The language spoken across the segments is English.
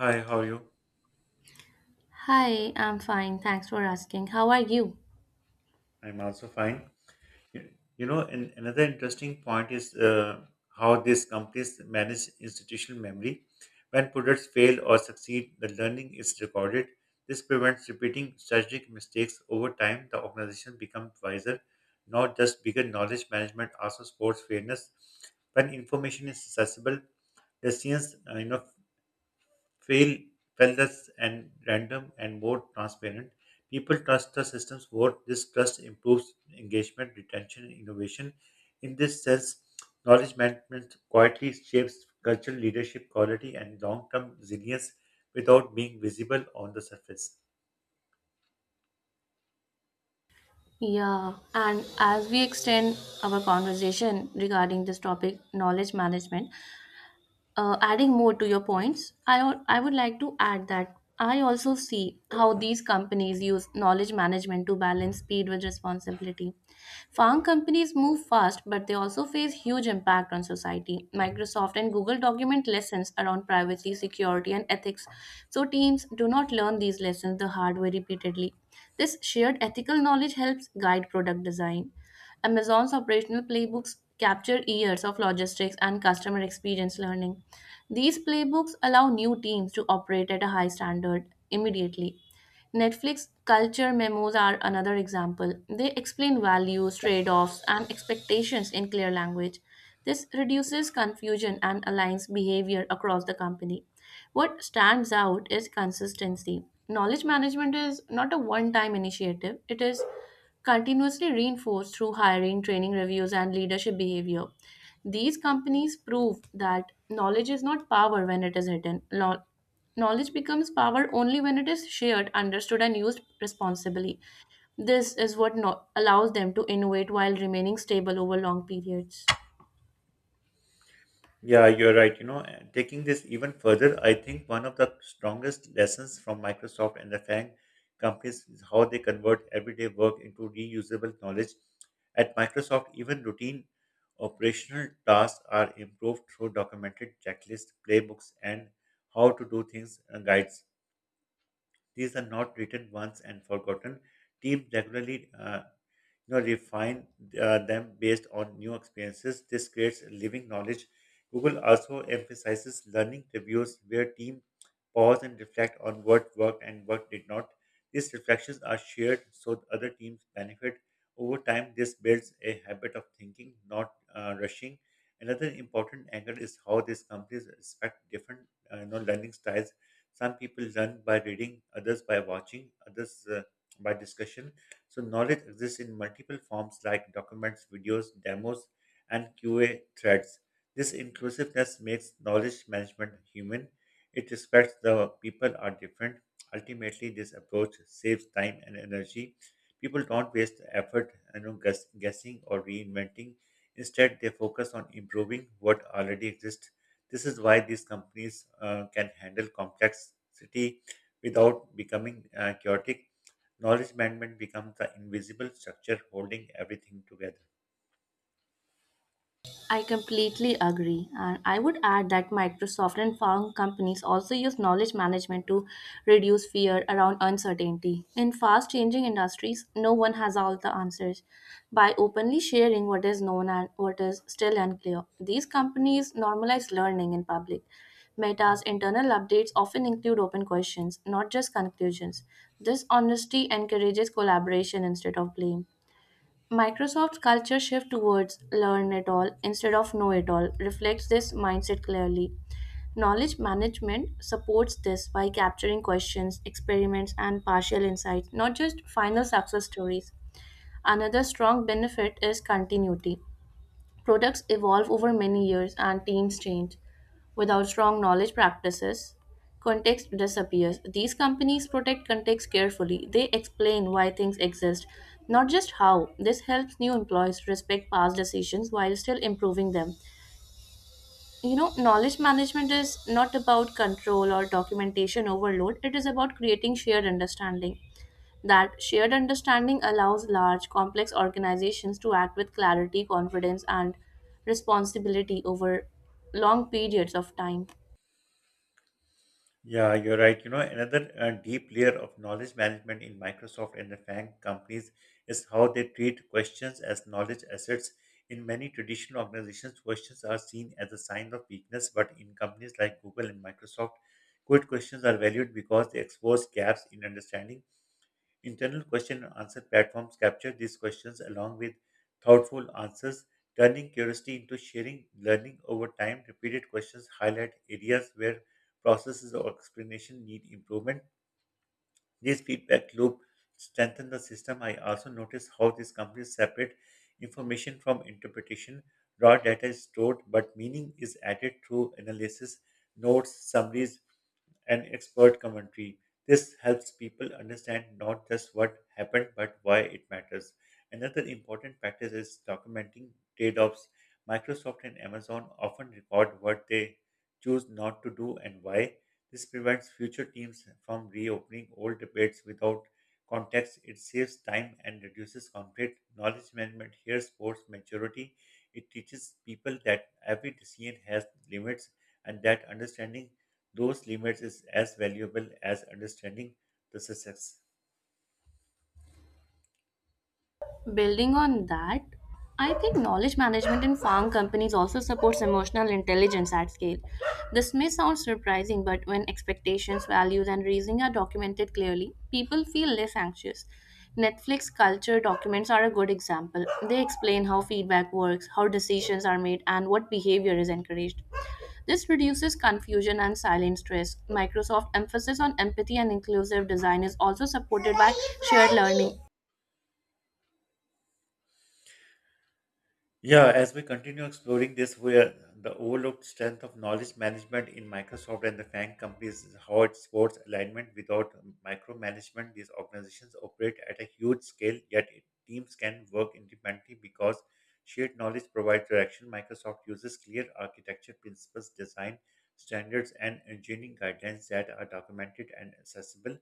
Hi, how are you? Hi, I'm fine. Thanks for asking. How are you? I'm also fine. You Another interesting point is how these companies manage institutional memory. When products fail or succeed, the learning is recorded. This prevents repeating strategic mistakes over time. The organization becomes wiser, not just bigger knowledge management, also sports fairness. When information is accessible, decisions feel fearless and random and more transparent. People trust the systems more. This trust improves engagement, retention, and innovation. In this sense, knowledge management quietly shapes cultural leadership quality and long-term resilience without being visible on the surface. Yeah, and as we extend our conversation regarding this topic, knowledge management, adding more to your points, I would like to add that I also see how these companies use knowledge management to balance speed with responsibility. Farm companies move fast, but they also face huge impact on society. Microsoft and Google document lessons around privacy, security, and ethics, so teams do not learn these lessons the hard way repeatedly. This shared ethical knowledge helps guide product design. Amazon's operational playbooks capture years of logistics and customer experience learning. These playbooks allow new teams to operate at a high standard immediately. Netflix culture memos are another example. They explain values, trade offs, and expectations in clear language. This reduces confusion and aligns behavior across the company. What stands out is consistency. Knowledge management is not a one time initiative, it is continuously reinforced through hiring, training reviews, and leadership behavior. These companies prove that knowledge is not power when it is hidden. Knowledge becomes power only when it is shared, understood, and used responsibly. This is what allows them to innovate while remaining stable over long periods. Yeah, you're right. You know, and taking this even further, I think one of the strongest lessons from Microsoft and the FANG companies is how they convert everyday work into reusable knowledge. At Microsoft, even routine operational tasks are improved through documented checklists, playbooks, and how to do things guides. These are not written once and forgotten. Teams regularly refine them based on new experiences. This creates living knowledge. Google also emphasizes learning reviews where teams pause and reflect on what worked and what did not. These reflections are shared so other teams benefit. Over time, this builds a habit of thinking, not rushing. Another important angle is how these companies respect different learning styles, some people learn by reading, others by watching, others by discussion. So knowledge exists in multiple forms like documents, videos, demos, and QA threads. This inclusiveness makes knowledge management human. It respects the people are different. Ultimately, this approach saves time and energy. People don't waste effort guessing or reinventing. Instead, they focus on improving what already exists. This is why these companies can handle complexity without becoming chaotic. Knowledge management becomes the invisible structure holding everything together. I completely agree. And I would add that Microsoft and farm companies also use knowledge management to reduce fear around uncertainty. In fast changing industries, no one has all the answers. By openly sharing what is known and what is still unclear, these companies normalize learning in public. Meta's internal updates often include open questions, not just conclusions. This honesty encourages collaboration instead of blame. Microsoft's culture shift towards learn it all instead of know it all reflects this mindset clearly. Knowledge management supports this by capturing questions, experiments, and partial insights, not just final success stories. Another strong benefit is continuity. Products evolve over many years and teams change. Without strong knowledge practices, context disappears. These companies protect context carefully. They explain why things exist, not just how. This helps new employees respect past decisions while still improving them. You know, knowledge management is not about control or documentation overload, it is about creating shared understanding. That shared understanding allows large, complex organizations to act with clarity, confidence, and responsibility over long periods of time. Yeah, you're right. You know, another deep layer of knowledge management in Microsoft and the FANG companies is how they treat questions as knowledge assets. In many traditional organizations, questions are seen as a sign of weakness, but in companies like Google and Microsoft, good questions are valued because they expose gaps in understanding. Internal question and answer platforms capture these questions along with thoughtful answers, turning curiosity into sharing learning over time. Repeated questions highlight areas where processes or explanation need improvement. This feedback loop strengthens the system. I also noticed how these companies separate information from interpretation. Raw data is stored, but meaning is added through analysis, notes, summaries, and expert commentary. This helps people understand not just what happened, but why it matters. Another important practice is documenting trade offs. Microsoft and Amazon often record what they choose not to do and why. This prevents future teams from reopening old debates without context. It saves time and reduces conflict. Knowledge management here supports maturity. It teaches people that every decision has limits and that understanding those limits is as valuable as understanding the success. Building on that, I think knowledge management in farm companies also supports emotional intelligence at scale. This may sound surprising, but when expectations, values, and reasoning are documented clearly, people feel less anxious. Netflix culture documents are a good example. They explain how feedback works, how decisions are made, and what behavior is encouraged. This reduces confusion and silent stress. Microsoft emphasis on empathy and inclusive design is also supported by shared learning. Yeah, as we continue exploring this, where the overlooked strength of knowledge management in Microsoft and the FANG companies is how it supports alignment without micromanagement. These organizations operate at a huge scale, yet teams can work independently because shared knowledge provides direction. Microsoft uses clear architecture principles, design standards, and engineering guidelines that are documented and accessible.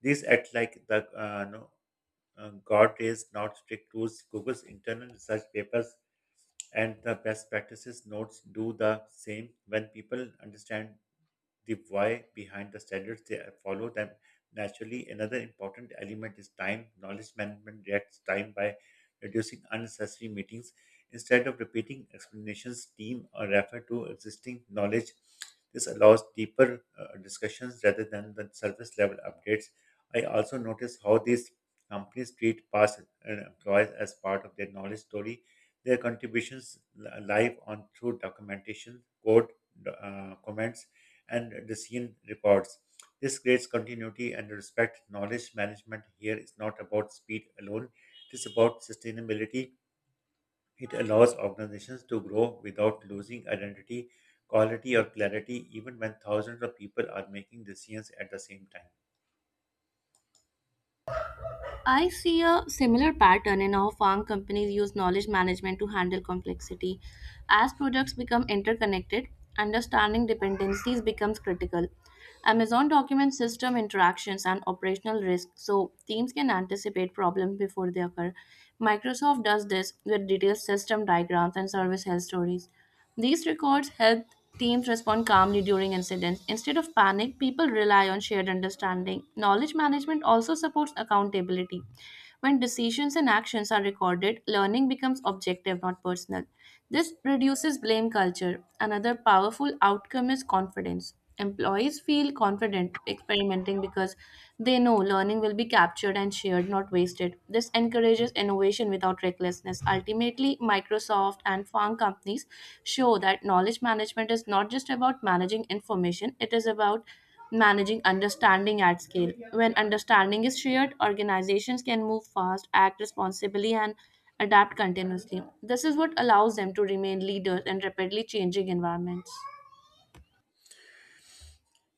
These act like the guardrails, not strict rules. Google's internal research papers and the best practices notes do the same. When people understand the why behind the standards, they follow them naturally. Another important element is time. Knowledge management reacts time by reducing unnecessary meetings. Instead of repeating explanations, team or refer to existing knowledge. This allows deeper discussions rather than the surface level updates. I also notice how these companies treat past employees as part of their knowledge story. Their contributions live on through documentation, code, comments, and the scene records. This creates continuity and respect. Knowledge management here is not about speed alone, it is about sustainability. It allows organizations to grow without losing identity, quality, or clarity, even when thousands of people are making decisions at the same time. I see a similar pattern in how farm companies use knowledge management to handle complexity. As products become interconnected, understanding dependencies becomes critical. Amazon documents system interactions and operational risk so teams can anticipate problems before they occur. Microsoft does this with detailed system diagrams and service health stories. These records help teams respond calmly during incidents. Instead of panic, people rely on shared understanding. Knowledge management also supports accountability. When decisions and actions are recorded, learning becomes objective, not personal. This reduces blame culture. Another powerful outcome is confidence. Employees feel confident experimenting because they know learning will be captured and shared, not wasted. This encourages innovation without recklessness. Ultimately, Microsoft and farm companies show that knowledge management is not just about managing information, it is about managing understanding at scale. When understanding is shared, organizations can move fast, act responsibly, and adapt continuously. This is what allows them to remain leaders in rapidly changing environments.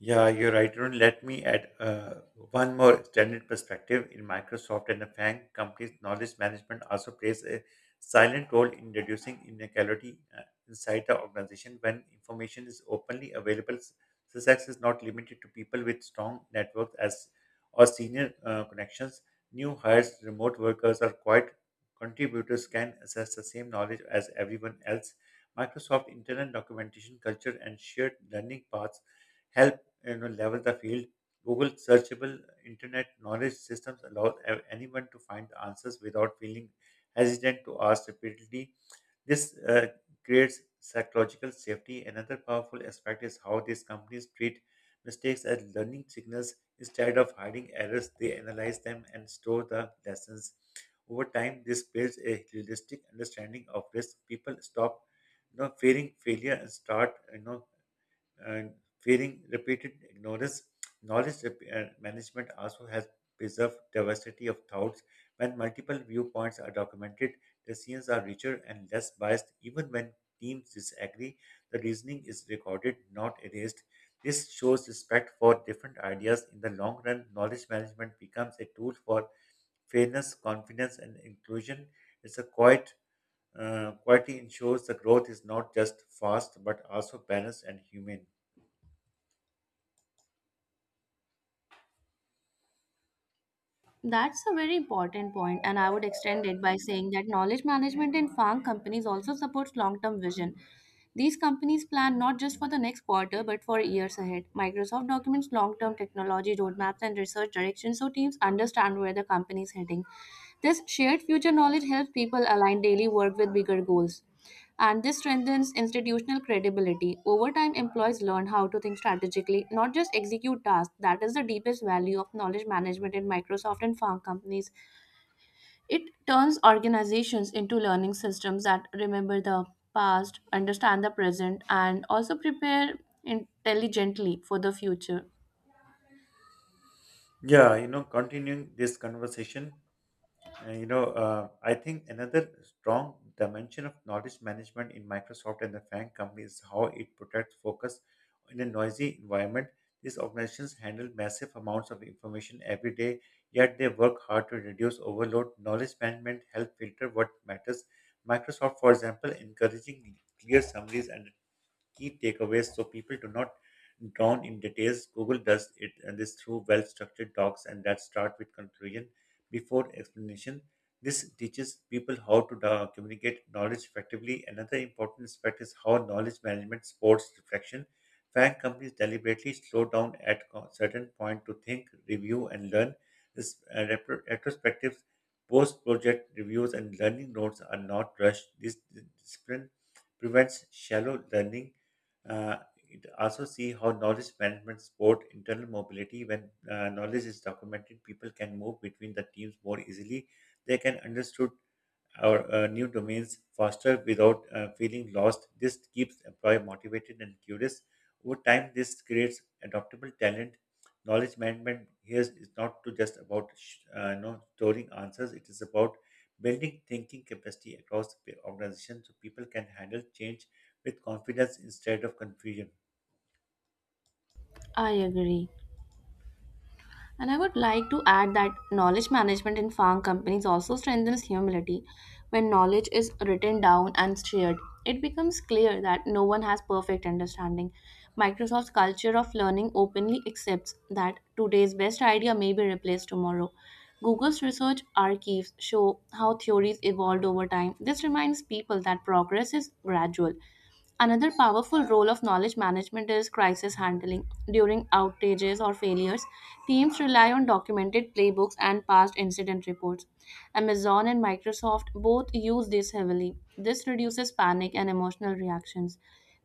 Yeah, you're right, Arun. Let me add one more standard perspective. In Microsoft and the FANG companies, knowledge management also plays a silent role in reducing inequality inside the organization. When information is openly available, success is not limited to people with strong networks as or senior connections. New hires, remote workers, or quiet contributors can access the same knowledge as everyone else. Microsoft internal documentation culture and shared learning paths help level the field. Google searchable internet knowledge systems allow anyone to find the answers without feeling hesitant to ask repeatedly. This creates psychological safety. Another powerful aspect is how these companies treat mistakes as learning signals instead of hiding errors. They analyze them and store the lessons. Over time, this builds a realistic understanding of risk. People stop fearing failure and start you know and fearing repeated ignorance. Knowledge rep- and management also has preserved diversity of thoughts. When multiple viewpoints are documented, decisions are richer and less biased. Even when teams disagree, the reasoning is recorded, not erased. This shows respect for different ideas. In the long run, knowledge management becomes a tool for fairness, confidence, and inclusion. It's a quiet quality ensures the growth is not just fast but also balanced and humane. That's a very important point, and I would extend it by saying that knowledge management in farm companies also supports long term vision. These companies plan not just for the next quarter but for years ahead. Microsoft documents long term technology roadmaps and research directions so teams understand where the company is heading. This shared future knowledge helps people align daily work with bigger goals and this strengthens institutional credibility. Over time, employees learn how to think strategically, not just execute tasks. That is the deepest value of knowledge management in Microsoft and farm companies. It turns organizations into learning systems that remember the past, understand the present, and also prepare intelligently for the future. Yeah, you know, continuing this conversation, I think another strong dimension of knowledge management in Microsoft and the Frank company is how it protects focus in a noisy environment. These organizations handle massive amounts of information every day, yet they work hard to reduce overload. Knowledge management help filter what matters. Microsoft, for example, encouraging clear summaries and key takeaways so people do not drown in details. Google does it and this through well-structured talks and that start with conclusion before explanation. This teaches people how to communicate knowledge effectively. Another important aspect is how knowledge management supports reflection. Fact companies deliberately slow down at certain point to think, review, and learn. This retrospectives, post-project reviews, and learning notes are not rushed. This discipline prevents shallow learning. Uh, it also see how knowledge management support internal mobility. When knowledge is documented, people can move between the teams more easily. They can understood or new domains faster without feeling lost. This keeps employee motivated and curious. Over time, this creates adaptable talent. Knowledge management here is not to just about storing answers. It is about building thinking capacity across the organization so people can handle change with confidence instead of confusion. I agree. And I would like to add that knowledge management in farm companies also strengthens humility. When knowledge is written down and shared, it becomes clear that no one has perfect understanding. Microsoft's culture of learning openly accepts that today's best idea may be replaced tomorrow. Google's research archives show how theories evolved over time. This reminds people that progress is gradual. Another powerful role of knowledge management is crisis handling. During outages or failures, teams rely on documented playbooks and past incident reports. Amazon and Microsoft both use this heavily. This reduces panic and emotional reactions.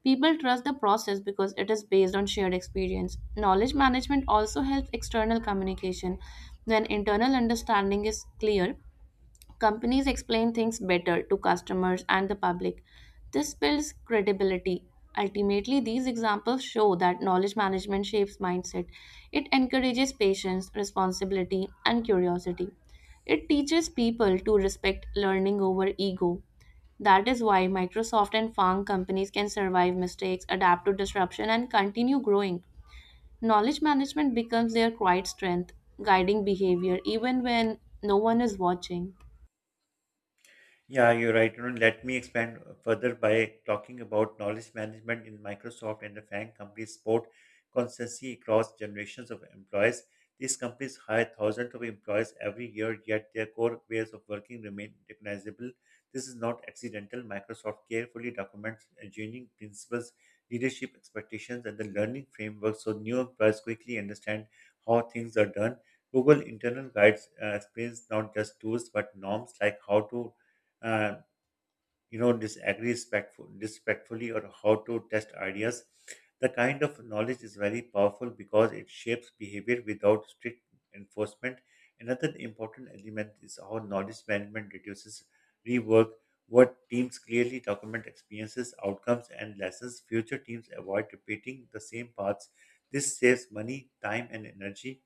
People trust the process because it is based on shared experience. Knowledge management also helps external communication. When internal understanding is clear, companies explain things better to customers and the public. This builds credibility. Ultimately, these examples show that knowledge management shapes mindset. It encourages patience, responsibility, and curiosity. It teaches people to respect learning over ego. That is why Microsoft and farm companies can survive mistakes, adapt to disruption, and continue growing. Knowledge management becomes their quiet strength, guiding behavior even when no one is watching. Yeah, you're right. You know, let me expand further by talking about knowledge management in Microsoft and the FANG companies support consistency across generations of employees. These companies hire thousands of employees every year, yet their core ways of working remain recognizable. This is not accidental. Microsoft carefully documents engineering principles, leadership expectations, and the learning framework so new employees quickly understand how things are done. Google internal guides explains not just tools but norms like how to uh, disagree respectfully or how to test ideas. The kind of knowledge is very powerful because it shapes behavior without strict enforcement. Another important element is how knowledge management reduces rework. What teams clearly document experiences outcomes and lessons, future teams avoid repeating the same paths. This saves money, time, and energy.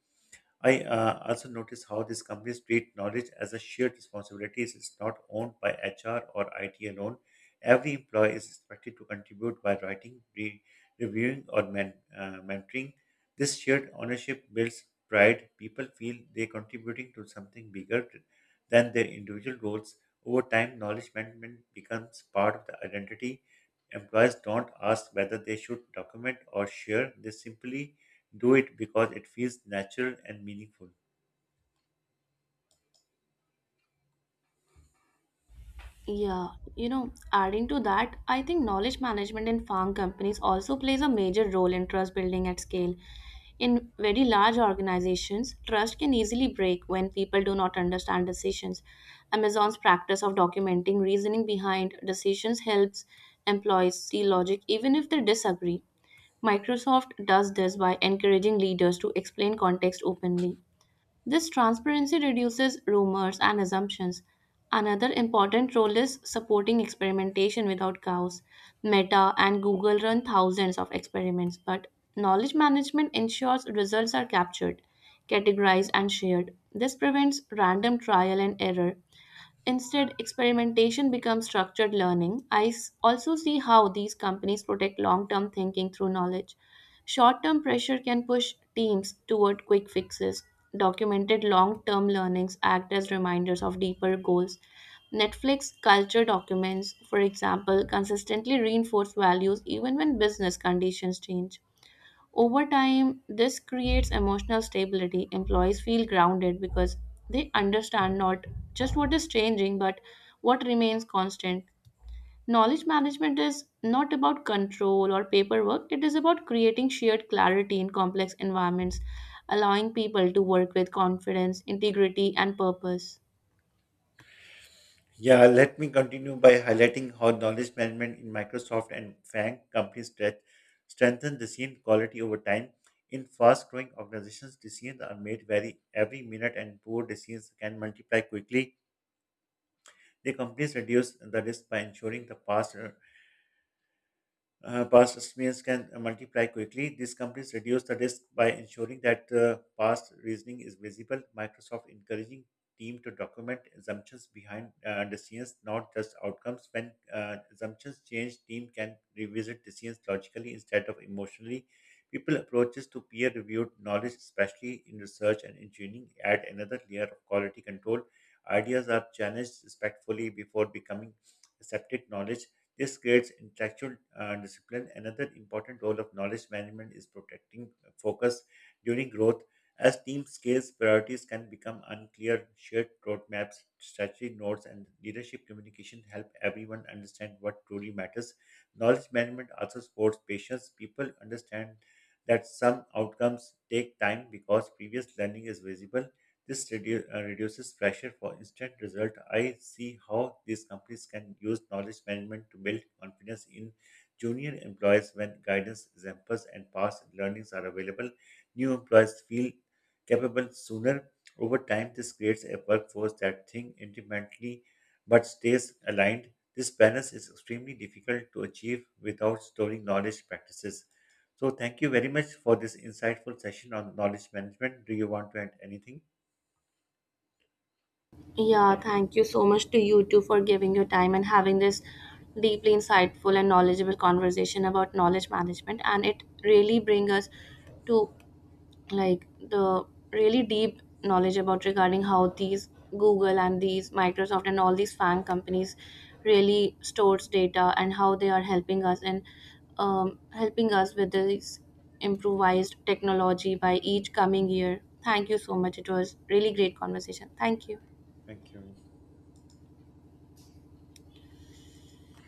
I also notice how these companies treat knowledge as a shared responsibility. It's not owned by HR or IT alone. Every employee is expected to contribute by writing, reviewing, or mentoring. This shared ownership builds pride. People feel they're contributing to something bigger than their individual roles. Over time, knowledge management becomes part of the identity. Employees don't ask whether they should document or share. They simply do it because it feels natural and meaningful. Yeah, you know, adding to that, I think knowledge management in farm companies also plays a major role in trust building at scale. In very large organizations, trust can easily break when people do not understand decisions. Amazon's practice of documenting reasoning behind decisions helps employees see logic even if they disagree. Microsoft does this by encouraging leaders to explain context openly. This transparency reduces rumors and assumptions. Another important role is supporting experimentation without cows. Meta and Google run thousands of experiments, but knowledge management ensures results are captured, categorized, and shared. This prevents random trial and error. Instead, experimentation becomes structured learning. Also see how these companies protect long term thinking through knowledge. Short term pressure can push teams toward quick fixes. Documented long term learnings act as reminders of deeper goals. Netflix culture documents, for example, consistently reinforce values even when business conditions change. Over time, this creates emotional stability. Employees feel grounded because they understand not just what is changing, but what remains constant. Knowledge management is not about control or paperwork, it is about creating shared clarity in complex environments, allowing people to work with confidence, integrity, and purpose. Yeah, let me continue by highlighting how knowledge management in Microsoft and FANG companies strengthen decision quality over time. In fast-growing organizations, decisions are made very every minute, and poor decisions can multiply quickly. The companies reduce the risk by ensuring the past past estimates can multiply quickly. These companies reduce the risk by ensuring that past reasoning is visible. Microsoft encouraging team to document assumptions behind decisions, not just outcomes. When assumptions change, team can revisit decisions logically instead of emotionally. People approaches to peer-reviewed knowledge, especially in research and engineering, add another layer of quality control. Ideas are challenged respectfully before becoming accepted knowledge. This creates intellectual discipline. Another important role of knowledge management is protecting focus during growth. As team scales, priorities can become unclear. Shared roadmaps, strategy notes, and leadership communication help everyone understand what truly matters. Knowledge management also supports patience. People understand that some outcomes take time because previous learning is visible. This reduces pressure for instant result. I see how these companies can use knowledge management to build confidence in junior employees when guidance, examples, and past learnings are available. New employees feel capable sooner. Over time, this creates a workforce that thinks independently but stays aligned. This balance is extremely difficult to achieve without storing knowledge practices. So, thank you very much for this insightful session on knowledge management. Do you want to add anything? Yeah, thank you so much to you too for giving your time and having this deeply insightful and knowledgeable conversation about knowledge management. And it really brings us to like the really deep knowledge about regarding how these Google and these Microsoft and all these FANG companies really stores data and how they are helping us and helping us with this improvised technology by each coming year. Thank you so much. It was really great conversation. Thank you. Thank you.